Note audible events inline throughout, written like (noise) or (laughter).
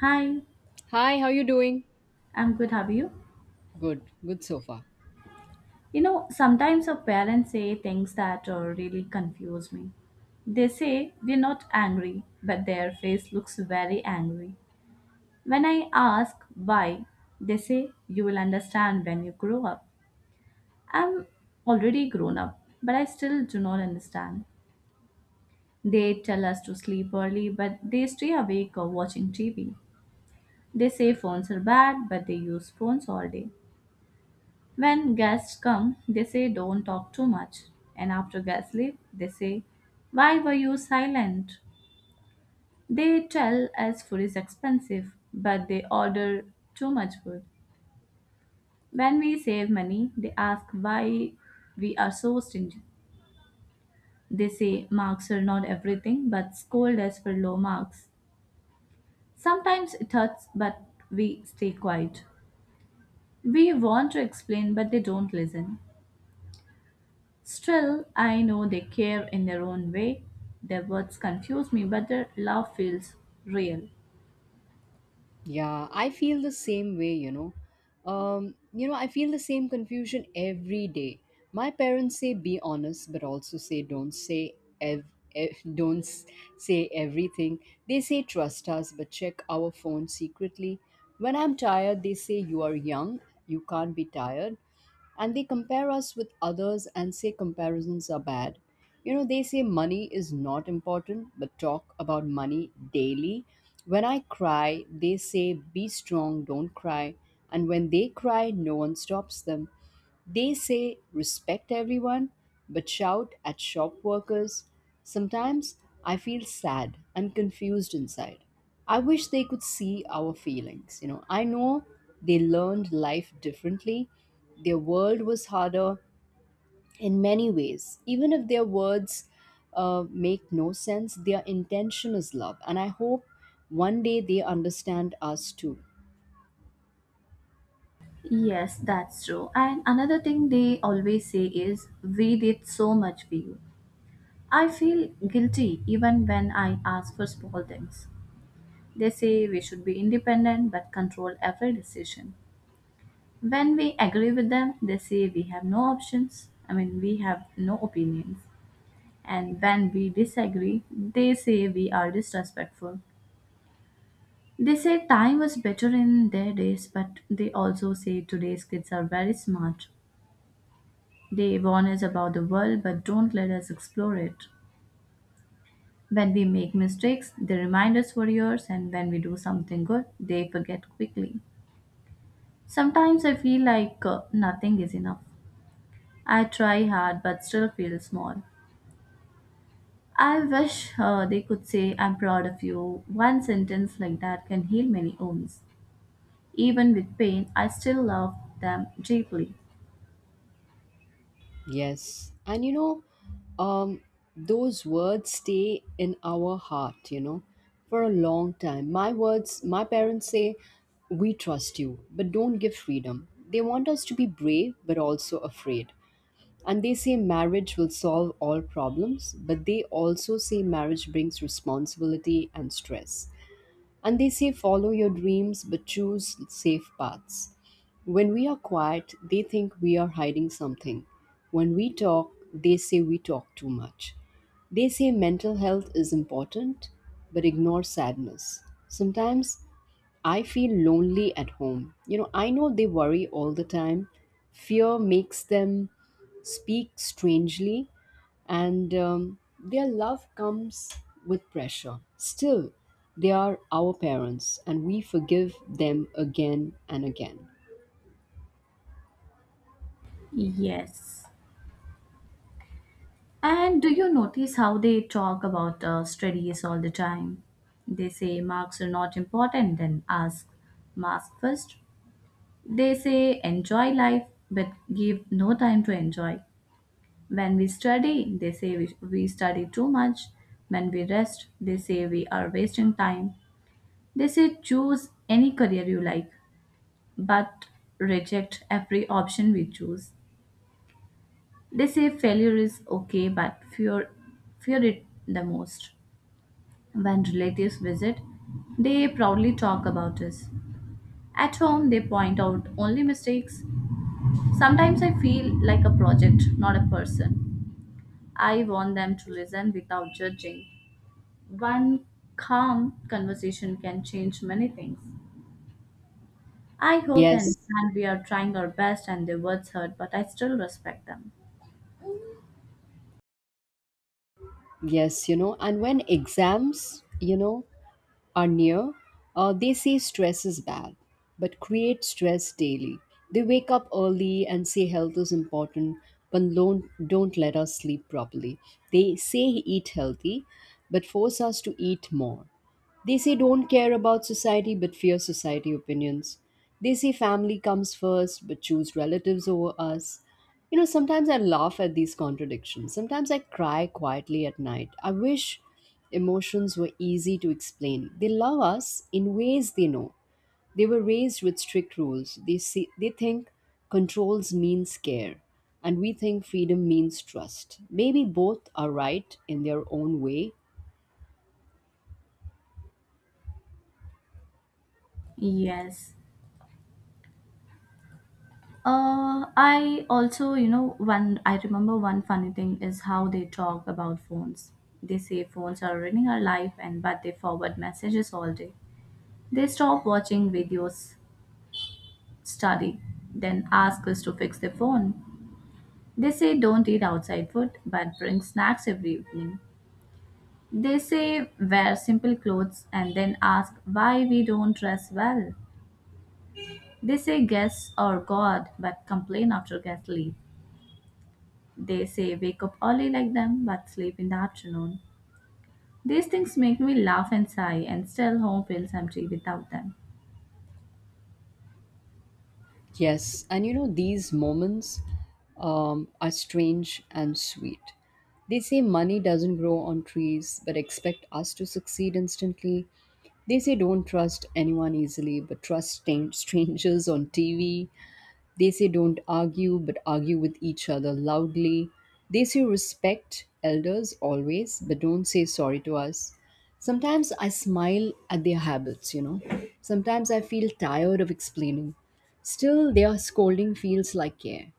Hi, Hi, how you doing? I'm good. How are you? Good, good so far. You know, sometimes our parents say things that really confuse me. They say we're not angry, but their face looks very angry. When I ask why, they say you will understand when you grow up. I'm already grown up, but I still do not understand. They tell us to sleep early, but they stay awake or watching TV. They say phones are bad, but they use phones all day. When guests come, they say, don't talk too much. And after guests leave, they say, why were you silent? They tell us food is expensive, but they order too much food. When we save money, they ask why we are so stingy. They say marks are not everything, but scold us for low marks. Sometimes it hurts, but we stay quiet. We want to explain, but they don't listen. Still, I know they care in their own way. Their words confuse me, but their love feels real. Yeah, I feel the same way, you know. I feel the same confusion every day. My parents say be honest, but also say don't say ev- ev- (laughs) don't s- say everything. They say trust us, but check our phone secretly. When I'm tired, they say you are young, you can't be tired. And they compare us with others and say comparisons are bad. You know, they say money is not important, but talk about money daily. When I cry, they say, be strong, don't cry. And when they cry, no one stops them. They say respect everyone but shout at shop workers. Sometimes I feel sad and confused inside. I wish they could see our feelings. You know, I know they learned life differently. Their world was harder in many ways. Even if their words make no sense, their intention is love. And I hope one day they understand us too. Yes, that's true. And another thing they always say is, we did so much for you. I feel guilty even when I ask for small things. They say we should be independent but control every decision. When we agree with them, they say we have no options. I mean, we have no opinions. And when we disagree, they say we are disrespectful. They say time was better in their days, but they also say today's kids are very smart. They warn us about the world but don't let us explore it. When we make mistakes, they remind us for years, and when we do something good, they forget quickly. Sometimes I feel like nothing is enough. I try hard but still feel small. I wish they could say, I'm proud of you. One sentence like that can heal many wounds. Even with pain, I still love them deeply. Yes. And you know, um, those words stay in our heart, you know, for a long time. My words, my parents say, we trust you, but don't give freedom. They want us to be brave, but also afraid. And they say marriage will solve all problems, but they also say marriage brings responsibility and stress. And they say follow your dreams but choose safe paths. When we are quiet, they think we are hiding something. When we talk, they say we talk too much. They say mental health is important but ignore sadness. Sometimes I feel lonely at home. You know, I know they worry all the time. Fear makes them speak strangely, and their love comes with pressure. Still, they are our parents, and we forgive them again and again. Yes. And do you notice how they talk about studies all the time? They say marks are not important, then ask mask first. They say enjoy life, but give no time to enjoy. When we study, they say we study too much. When we rest, they say we are wasting time. They say choose any career you like, but reject every option we choose. They say failure is okay, but fear it the most. When relatives visit, they proudly talk about us. At home, they point out only mistakes. Sometimes I feel like a project, not a person. I want them to listen without judging. One calm conversation can change many things. I hope they Yes, understand we are trying our best and their words hurt, but I still respect them. yes, you know, and when exams, you know, are near, they say stress is bad, but create stress daily. They wake up early and say health is important, but don't let us sleep properly. They say eat healthy, but force us to eat more. They say don't care about society but fear society opinions. They say family comes first but choose relatives over us. You know, sometimes I laugh at these contradictions. Sometimes I cry quietly at night. I wish emotions were easy to explain. They love us in ways they know. They were raised with strict rules. They think controls means care and we think freedom means trust. Maybe both are right in their own way. Yes. I also, you know, one I remember one funny thing is how they talk about phones. They say phones are ruining our life, and but they forward messages all day. They stop watching videos, study, then ask us to fix their phone. They say don't eat outside food, but bring snacks every evening. They say wear simple clothes and then ask why we don't dress well. They say guess or God, but complain after guest leave. They say wake up early like them but sleep in the afternoon. These things make me laugh and sigh and still home feels empty without them. Yes, and you know, these moments are strange and sweet. They say money doesn't grow on trees, but expect us to succeed instantly. They say don't trust anyone easily, but trust stan- (laughs) strangers on TV. They say don't argue, but argue with each other loudly. They say respect elders always, but don't say sorry to us. Sometimes I smile at their habits, you know. Sometimes I feel tired of explaining. Still, their scolding feels like care.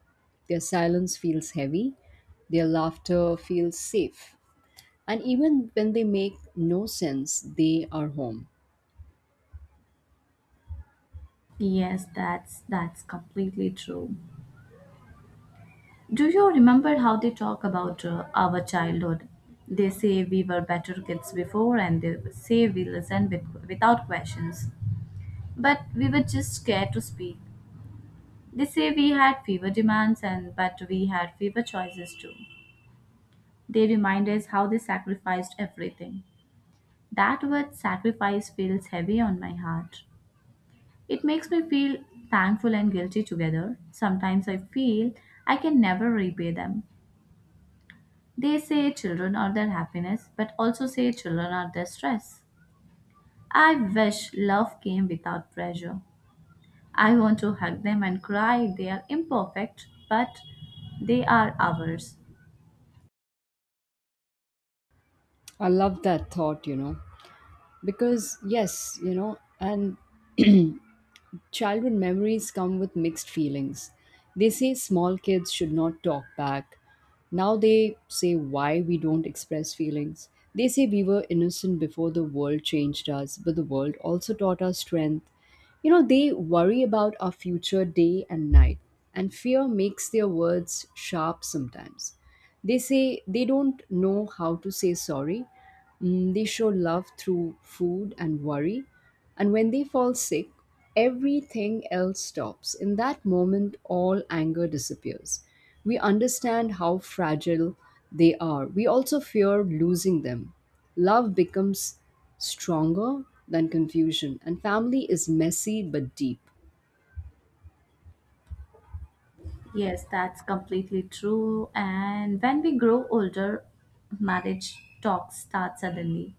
Their silence feels heavy. Their laughter feels safe. And even when they make no sense, they are home. Yes, that's completely true. Do you remember how they talk about our childhood? They say we were better kids before and they say we listened with, without questions. But we were just scared to speak. They say we had fewer demands and but we had fewer choices too. They remind us how they sacrificed everything. That word sacrifice feels heavy on my heart. It makes me feel thankful and guilty together. Sometimes I feel I can never repay them. They say children are their happiness, but also say children are their stress. I wish love came without pressure. I want to hug them and cry. They are imperfect, but they are ours. I love that thought, you know, because yes, you know, and childhood memories come with mixed feelings. They say small kids should not talk back. Now they say why we don't express feelings. They say we were innocent before the world changed us, but the world also taught us strength. You know, they worry about our future day and night, and fear makes their words sharp sometimes. They say they don't know how to say sorry. Mm, they show love through food and worry. And when they fall sick, everything else stops. In that moment, all anger disappears. We understand how fragile they are. We also fear losing them. Love becomes stronger than confusion, and family is messy but deep. Yes, that's completely true. And when we grow older, marriage talk starts suddenly.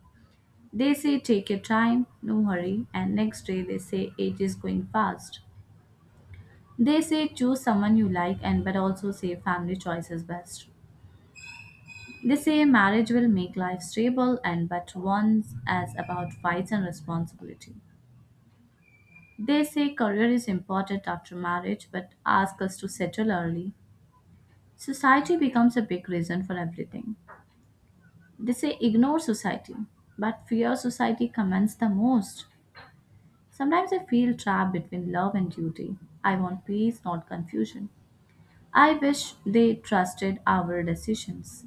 They say take your time, no hurry, and next day they say age is going fast. They say choose someone you like and but also say family choice is best. They say marriage will make life stable and but once as about fights and responsibility. They say career is important after marriage but ask us to settle early. Society becomes a big reason for everything. They say ignore society, but fear society commends the most. Sometimes I feel trapped between love and duty. I want peace, not confusion. I wish they trusted our decisions.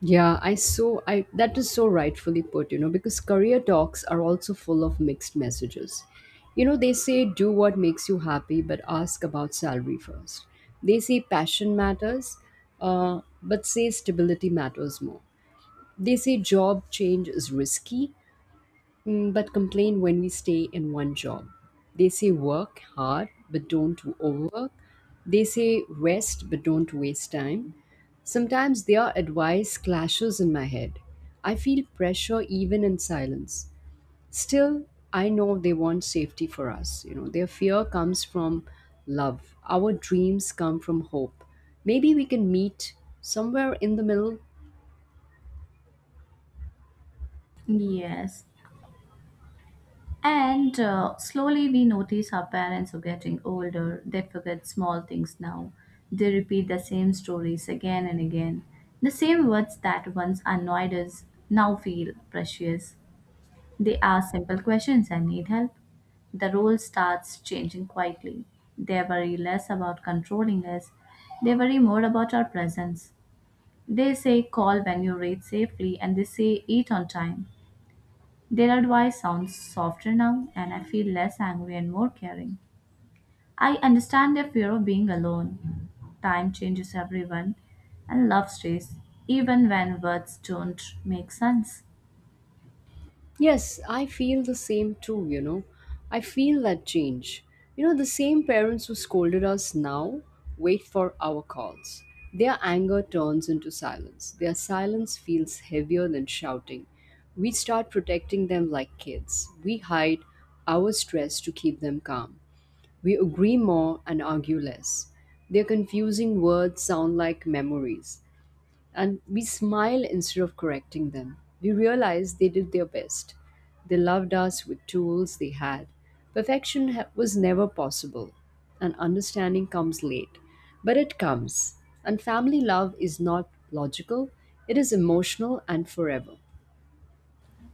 I that is so rightfully put, you know, because career talks are also full of mixed messages. You know, they say do what makes you happy, but ask about salary first. They say passion matters, but say stability matters more. They say job change is risky. Mm, but complain when we stay in one job. They say work hard, but don't overwork. They say rest, but don't waste time. Sometimes their advice clashes in my head. I feel pressure even in silence. Still, I know they want safety for us. You know, their fear comes from love. Our dreams come from hope. Maybe we can meet somewhere in the middle. Yes. And slowly we notice our parents are getting older. They forget small things now. They repeat the same stories again and again. The same words that once annoyed us now feel precious. They ask simple questions and need help. The role starts changing quietly. They worry less about controlling us, they worry more about our presence. They say call when you reach safely and they say eat on time. Their advice sounds softer now and I feel less angry and more caring. I understand their fear of being alone. Time changes everyone and love stays, even when words don't make sense. Yes, I feel the same too, you know. I feel that change. You know, the same parents who scolded us now wait for our calls. Their anger turns into silence. Their silence feels heavier than shouting. We start protecting them like kids. We hide our stress to keep them calm. We agree more and argue less. Their confusing words sound like memories and we smile instead of correcting them. We realize they did their best. They loved us with tools they had. Perfection was never possible, and understanding comes late, but it comes. And family love is not logical, it is emotional and forever.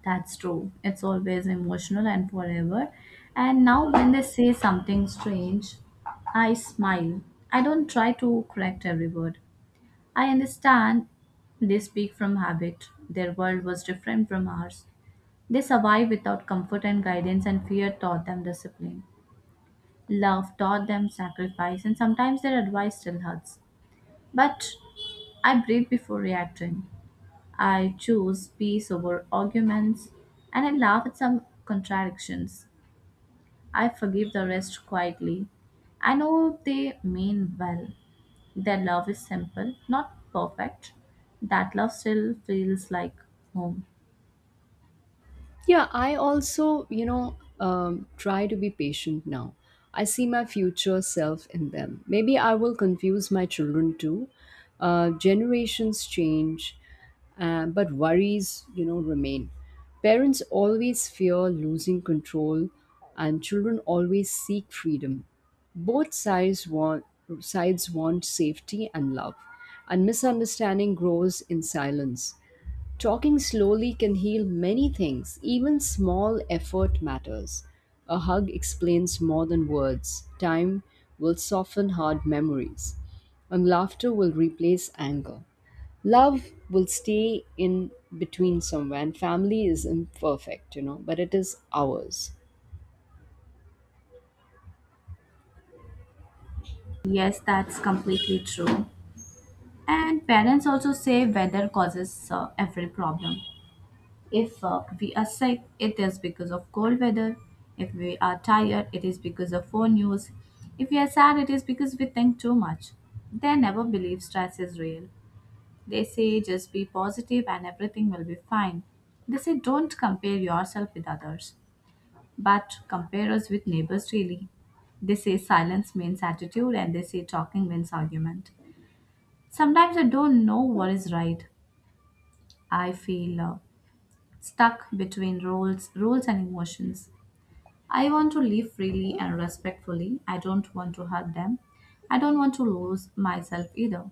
That's true. It's always emotional and forever. And now, when they say something strange, I smile. I don't try to correct every word. I understand they speak from habit. Their world was different from ours. They survived without comfort and guidance, and fear taught them discipline. Love taught them sacrifice, and sometimes their advice still hurts. But I breathe before reacting. I choose peace over arguments and I laugh at some contradictions. I forgive the rest quietly. I know they mean well. Their love is simple, not perfect. That love still feels like home. Yeah, I also, you know, try to be patient now. I see my future self in them. Maybe I will confuse my children too. Generations change, but worries, you know, remain. Parents always fear losing control, and children always seek freedom. Both sides want Sides want safety and love, and misunderstanding grows in silence. Talking slowly can heal many things, even small effort matters. A hug explains more than words. Time will soften hard memories, and laughter will replace anger. Love will stay in between somewhere, and family is imperfect, you know, but it is ours. Yes, that's completely true. And parents also say weather causes every problem. If we are sick, it is because of cold weather. If we are tired, it is because of phone use. If we are sad, it is because we think too much. They never believe stress is real. They say just be positive and everything will be fine. They say don't compare yourself with others, but compare us with neighbors really. They say silence means attitude and they say talking means argument. Sometimes I don't know what is right. I feel stuck between roles, rules and emotions. I want to live freely and respectfully. I don't want to hurt them. I don't want to lose myself either.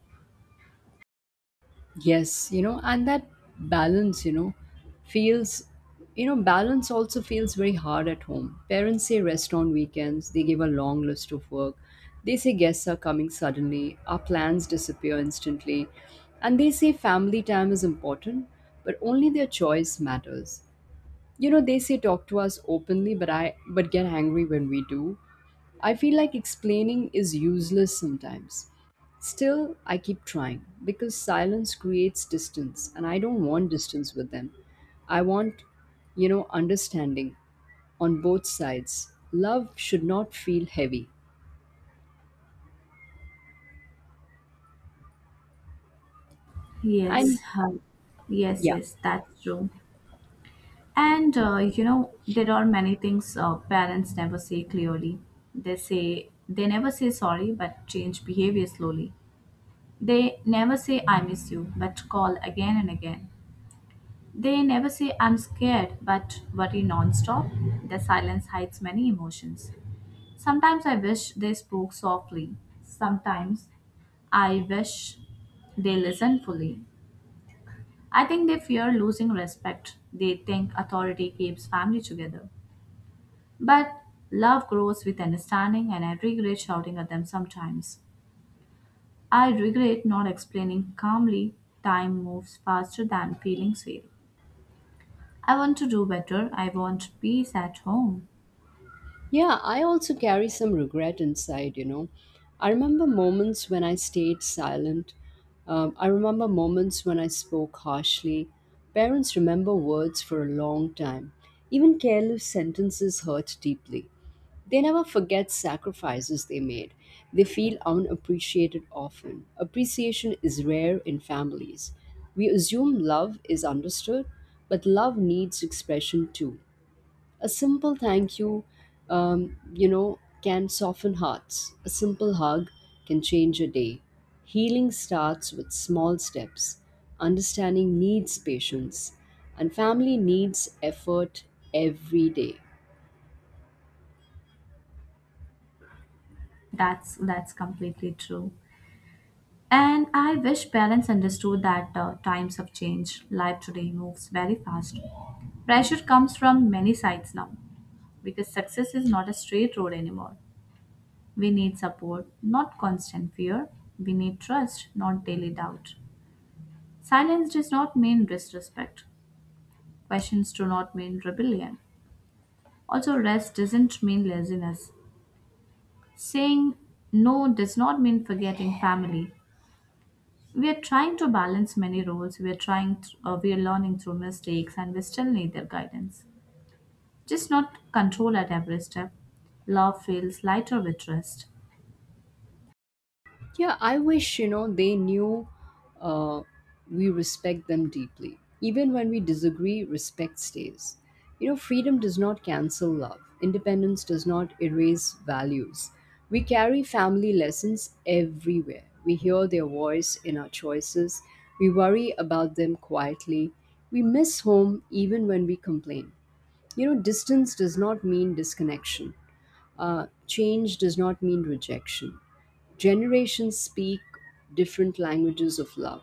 Yes, you know, and that balance, you know, feels, you know, balance also feels very hard at home. Parents say rest on weekends, they give a long list of work. They say guests are coming suddenly, our plans disappear instantly. And they say family time is important, but only their choice matters. You know, they say talk to us openly, but get angry when we do. I feel like explaining is useless sometimes. Still, I keep trying because silence creates distance, and I don't want distance with them. I want, you know, understanding on both sides. Love should not feel heavy. And Yes, uh, yeah. yes, that's true. And you know, there are many things parents never say clearly. They say they never say sorry, but change behavior slowly. They never say I miss you, but call again and again. They never say I'm scared, but worry nonstop. Their silence hides many emotions. Sometimes I wish they spoke softly. Sometimes I wish they listened fully. I think they fear losing respect. They think authority keeps family together. But love grows with understanding, and I regret shouting at them sometimes. I regret not explaining calmly. Time moves faster than feelings fail. I want to do better. I want peace at home. Yeah, I also carry some regret inside, you know. I remember moments when I stayed silent. I remember moments when I spoke harshly. Parents remember words for a long time. Even careless sentences hurt deeply. They never forget sacrifices they made. They feel unappreciated often. Appreciation is rare in families. We assume love is understood, but love needs expression too. A simple thank you, you know, can soften hearts. A simple hug can change a day. Healing starts with small steps. Understanding needs patience, and family needs effort every day. That's completely true. And I wish parents understood that times have changed. Life today moves very fast. Pressure comes from many sides now because success is not a straight road anymore. We need support, not constant fear. We need trust, not daily doubt. Silence does not mean disrespect. Questions do not mean rebellion. Also, rest doesn't mean laziness. Saying no does not mean forgetting family. We are trying to balance many roles. We are learning through mistakes and we still need their guidance, just not control at every step. Love feels lighter with trust. Yeah, I wish, you know, they knew uh, we respect them deeply. Even when we disagree, respect stays. You know, freedom does not cancel love, independence does not erase values. We carry family lessons everywhere. We hear their voice in our choices, we worry about them quietly. We miss home even when we complain. You know, distance does not mean disconnection. Change does not mean rejection. Generations speak different languages of love.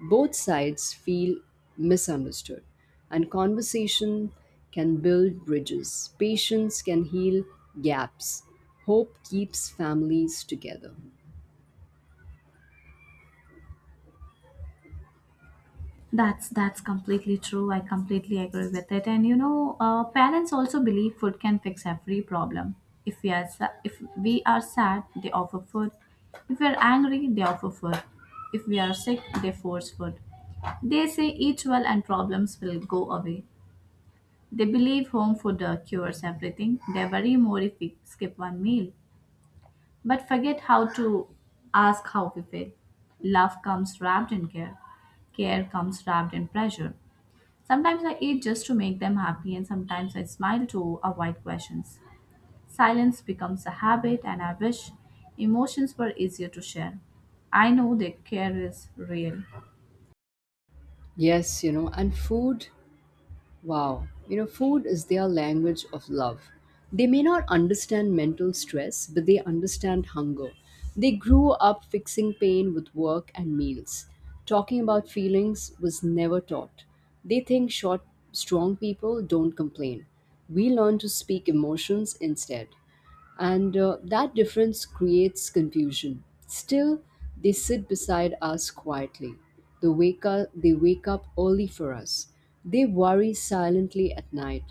Both sides feel misunderstood, and conversation can build bridges. Patience can heal gaps. Hope keeps families together. That's completely true. I completely agree with it. And you know, parents also believe food can fix every problem. If we are sad, they offer food. If we are angry, they offer food. If we are sick, they force food. They say eat well and problems will go away. They believe home food cures everything. They worry more if we skip one meal, but forget how to ask how we feel. Love comes wrapped in care, care comes wrapped in pressure. Sometimes I eat just to make them happy, and sometimes I smile to avoid questions. Silence becomes a habit, and I wish emotions were easier to share. I know that care is real. Yes, you know, and food wow, you know, food is their language of love. They may not understand mental stress, but they understand hunger. They grew up fixing pain with work and meals. Talking about feelings was never taught. They think short, strong people don't complain. We learn to speak emotions instead and that difference creates confusion. Still, they sit beside us quietly. They wake up early for us. They worry silently at night,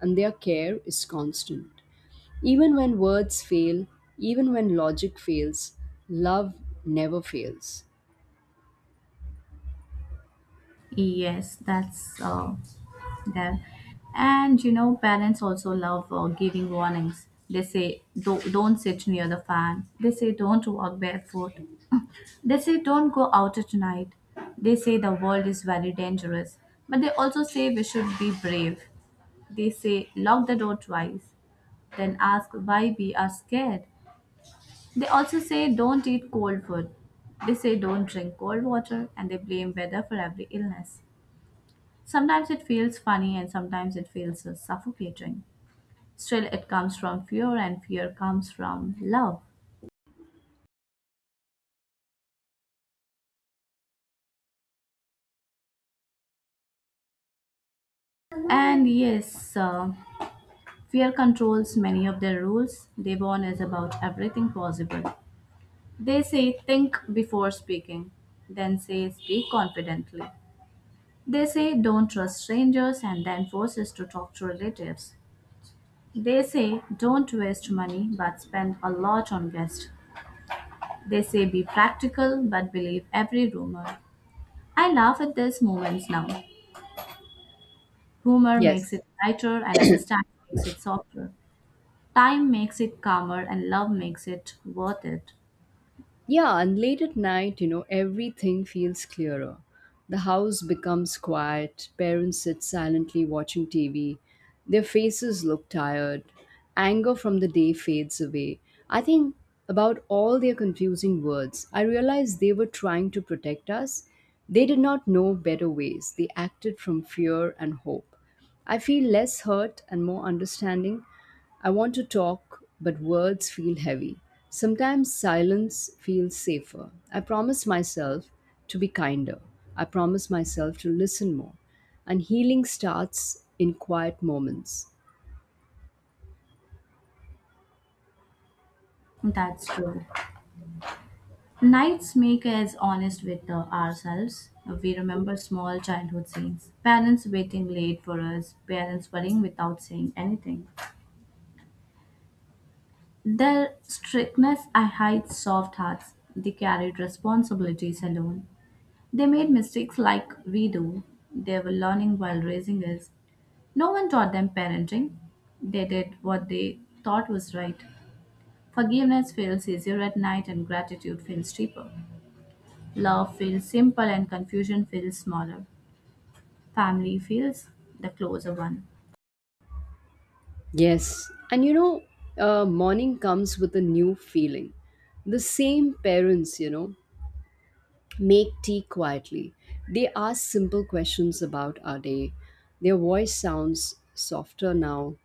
and their care is constant. Even when words fail, even when logic fails, love never fails. Yes, that's there. And you know, parents also love giving warnings. They say, don't sit near the fan. They say, don't walk barefoot. (laughs) They say, don't go out at night. They say, the world is very dangerous. But they also say, we should be brave. They say, lock the door twice. Then ask why we are scared. They also say, don't eat cold food. They say, don't drink cold water. And they blame weather for every illness. Sometimes it feels funny and sometimes it feels suffocating. Still, it comes from fear, and fear comes from love. And yes, fear controls many of their rules. Devon is about everything possible. They say, think before speaking, then say, speak confidently. They say, don't trust strangers, and then force us to talk to relatives. They say, don't waste money but spend a lot on guests. They say, be practical but believe every rumor. I laugh at these moments now. Humor makes Yes. it lighter, and understanding makes it softer. Time makes it calmer, and love makes it worth it. Yeah, and late at night, you know, everything feels clearer. The house becomes quiet, parents sit silently watching TV, their faces look tired, anger from the day fades away. I think about all their confusing words. I realized they were trying to protect us. They did not know better ways, they acted from fear and hope. I feel less hurt and more understanding. I want to talk, but words feel heavy. Sometimes silence feels safer. I promise myself to be kinder. I promise myself to listen more. And healing starts in quiet moments. That's true. Nights make us honest with ourselves. We remember small childhood scenes. Parents waiting late for us, parents worrying without saying anything. Their strictness I hide soft hearts. They carried responsibilities alone. They made mistakes like we do. They were learning while raising us. No one taught them parenting. They did what they thought was right. Forgiveness feels easier at night and gratitude feels cheaper. Love feels simple and confusion feels smaller. Family feels the closer one. Yes, and you know, morning comes with a new feeling. The same parents, you know, make tea quietly. They ask simple questions about our day. Their voice sounds softer now.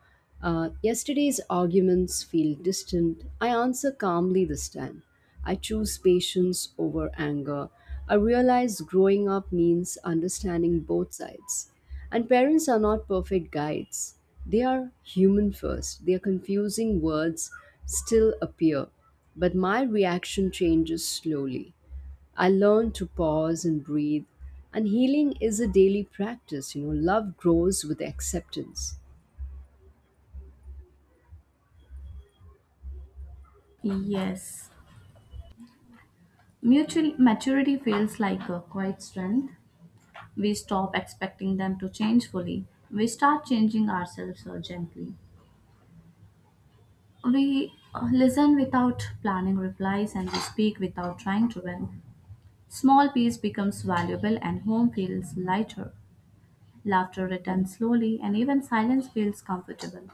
Yesterday's arguments feel distant. I answer calmly this time. I choose patience over anger. I realize growing up means understanding both sides. And parents are not perfect guides. They are human first. Their confusing words still appear, but my reaction changes slowly. I learned to pause and breathe. And healing is a daily practice. Love grows with acceptance. Yes. Mutual maturity feels like a quiet strength. We stop expecting them to change fully. We start changing ourselves so gently. We listen without planning replies and we speak without trying to win. Small peace becomes valuable and home feels lighter. Laughter returns slowly and even silence feels comfortable.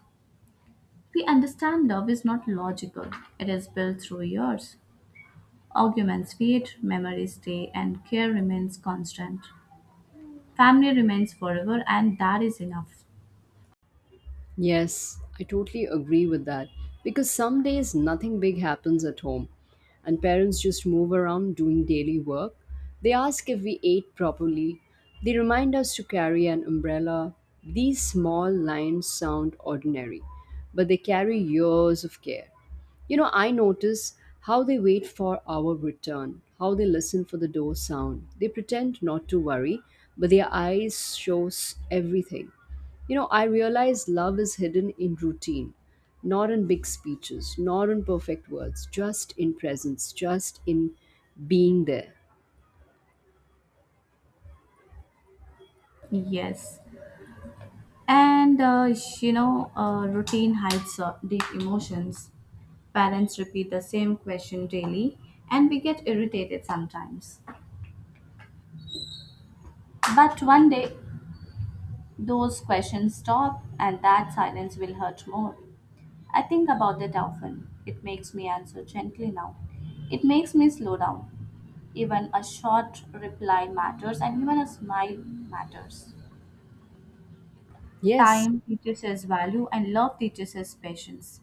We understand love is not logical, it is built through years. Arguments fade, memories stay, and care remains constant. Family remains forever, and that is enough. Yes, I totally agree with that. Because some days nothing big happens at home, and parents just move around doing daily work. They ask if we ate properly. They remind us to carry an umbrella. These small lines sound ordinary, but they carry years of care. I notice how they wait for our return, how they listen for the door sound. They pretend not to worry, but their eyes shows everything. I realize love is hidden in routine, not in big speeches, not in perfect words, just in presence, just in being there. Yes. And uh, Routine hides deep emotions. Parents repeat the same question daily, and we get irritated sometimes. But one day, those questions stop, and that silence will hurt more. I think about it often. It makes me answer gently now. It makes me slow down. Even a short reply matters, and even a smile matters. Yes. Time teaches us value, and love teaches us patience.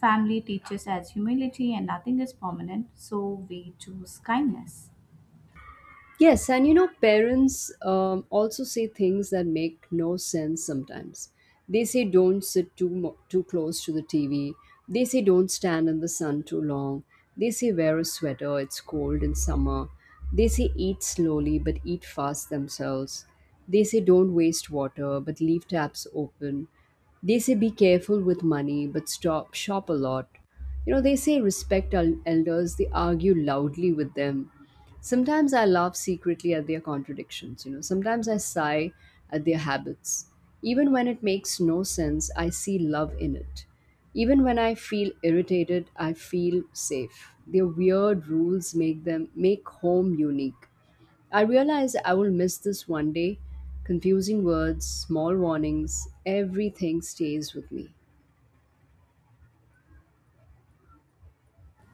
Family teaches us humility and nothing is permanent, so we choose kindness. Yes, and you know, parents also say things that make no sense sometimes. They say don't sit too close to the TV. They say don't stand in the sun too long. They say wear a sweater, it's cold in summer. They say eat slowly but eat fast themselves. They say don't waste water but leave taps open. They say be careful with money but stop shop a lot. You know, they say respect elders, they argue loudly with them. Sometimes I laugh secretly at their contradictions. Sometimes I sigh at their habits. Even when it makes no sense, I see love in it. Even when I feel irritated, I feel safe. Their weird rules make them make home unique. I realize I will miss this one day. Confusing words, small warnings, everything stays with me.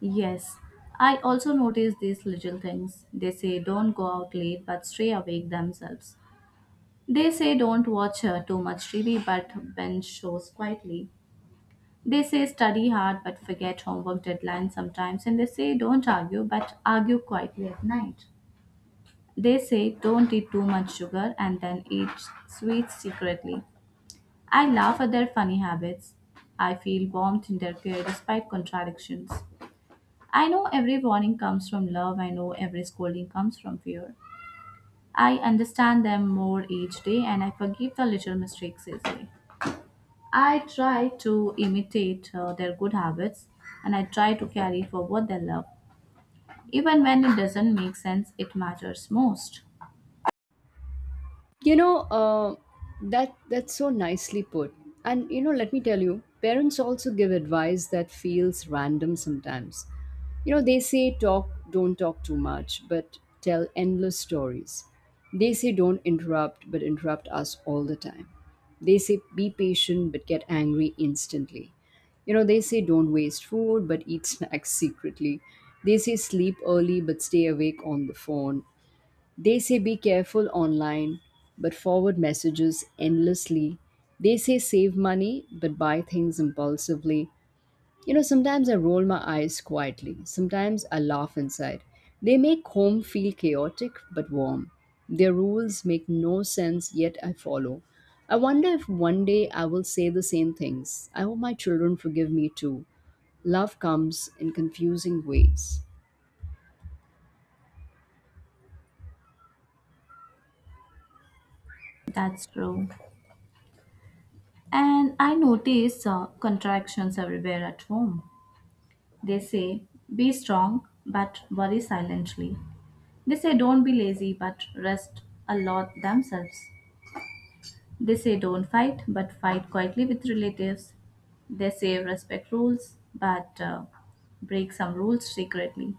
Yes, I also notice these little things. They say don't go out late but stay awake themselves. They say don't watch too much TV but binge shows quietly. They say study hard but forget homework deadlines sometimes. And they say don't argue but argue quietly at night. They say don't eat too much sugar and then eat sweets secretly. I laugh at their funny habits. I feel warmth in their care despite contradictions. I know every warning comes from love. I know every scolding comes from fear. I understand them more each day and I forgive the little mistakes easily. I try to imitate their good habits and I try to carry forward their love. Even when it doesn't make sense, it matters most. You know, uh, that's so nicely put. And you know, let me tell you, parents also give advice that feels random sometimes. You know, they say don't talk too much, but tell endless stories. They say don't interrupt, but interrupt us all the time. They say be patient, but get angry instantly. You know, they say don't waste food, but eat (laughs) snacks secretly. They say sleep early, but stay awake on the phone. They say be careful online, but forward messages endlessly. They say save money, but buy things impulsively. You know, sometimes I roll my eyes quietly, sometimes I laugh inside. They make home feel chaotic but warm. Their rules make no sense, yet I follow. I wonder if one day I will say the same things. I hope my children forgive me too. Love comes in confusing ways. That's true. And I notice contractions everywhere at home. They say, be strong but worry silently. They say, don't be lazy but rest a lot themselves. They say, don't fight but fight quietly with relatives. They say, respect rules but break some rules secretly.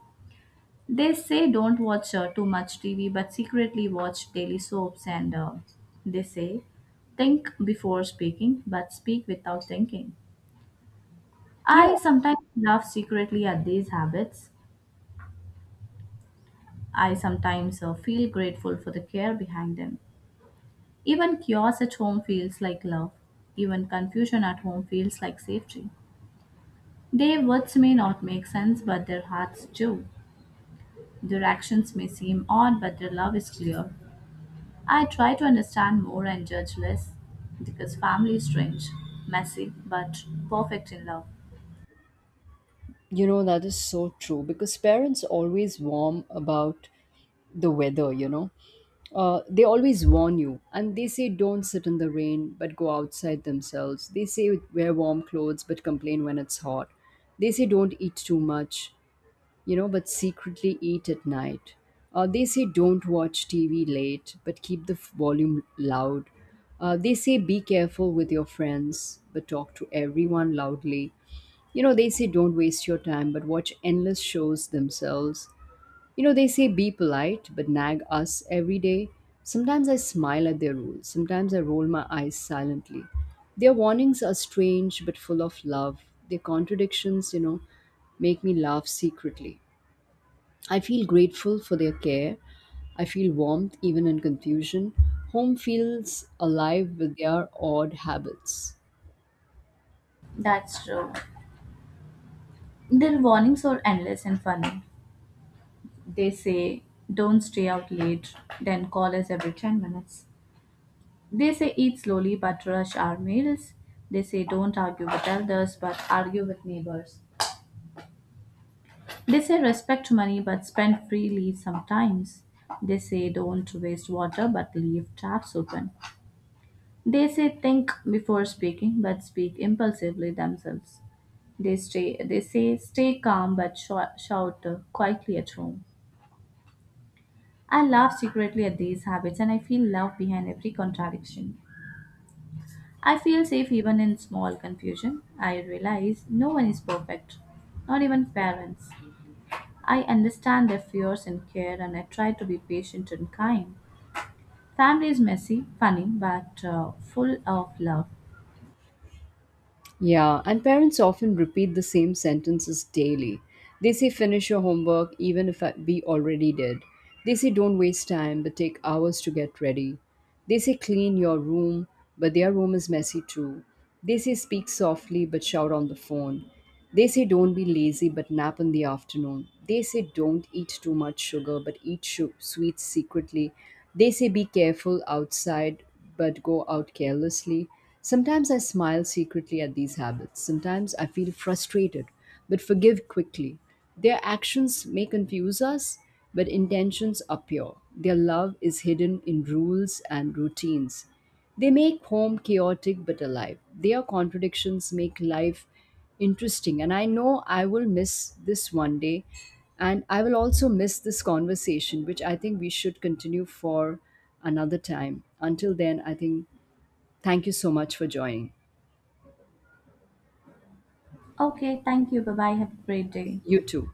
They say, don't watch too much TV but secretly watch daily soaps. And they say, think before speaking but speak without thinking. Yeah. I sometimes laugh secretly at these habits. I sometimes feel grateful for the care behind them. Even chaos at home feels like love. Even confusion at home feels like safety. Their words may not make sense, but their hearts do. Their actions may seem odd, but their love is clear. I try to understand more and judge less because family is strange, messy, but perfect in love. You know, that is so true because parents always warn about the weather, you know. They always warn you and they say don't sit in the rain but go outside themselves. They say wear warm clothes but complain when it's hot. They say don't eat too much, you know, but secretly eat at night. They say don't watch TV late but keep the volume loud. They say be careful with your friends but talk to everyone loudly. You know, they say don't waste your time, but watch endless shows themselves. You know, they say be polite, but nag us every day. Sometimes I smile at their rules, sometimes I roll my eyes silently. Their warnings are strange but full of love. Their contradictions, you know, make me laugh secretly. I feel grateful for their care. I feel warmth even in confusion. Home feels alive with their odd habits. That's true. Their warnings are endless and funny. They say, don't stay out late, then call us every 10 minutes. They say eat slowly but rush our meals. They say don't argue with elders but argue with neighbors. They say respect money but spend freely sometimes. They say don't waste water but leave taps open. They say think before speaking but speak impulsively themselves. They say stay calm but shout quietly at home. I laugh secretly at these habits and I feel love behind every contradiction. I feel safe even in small confusion. I realize no one is perfect, not even parents. I understand their fears and care, and I try to be patient and kind. Family is messy, funny, but full of love. Yeah, and parents often repeat the same sentences daily. They say, finish your homework, even if we already did. They say, don't waste time, but take hours to get ready. They say, clean your room, but their room is messy too. They say, speak softly, but shout on the phone. They say, don't be lazy, but nap in the afternoon. They say, don't eat too much sugar, but eat sweets secretly. They say, be careful outside, but go out carelessly. Sometimes I smile secretly at these habits. Sometimes I feel frustrated, but forgive quickly. Their actions may confuse us, but intentions are pure. Their love is hidden in rules and routines. They make home chaotic but alive. Their contradictions make life interesting. And I know I will miss this one day. And I will also miss this conversation, which I think we should continue for another time. Until then, I think thank you so much for joining. Okay, thank you. Bye bye. Have a great day. You too.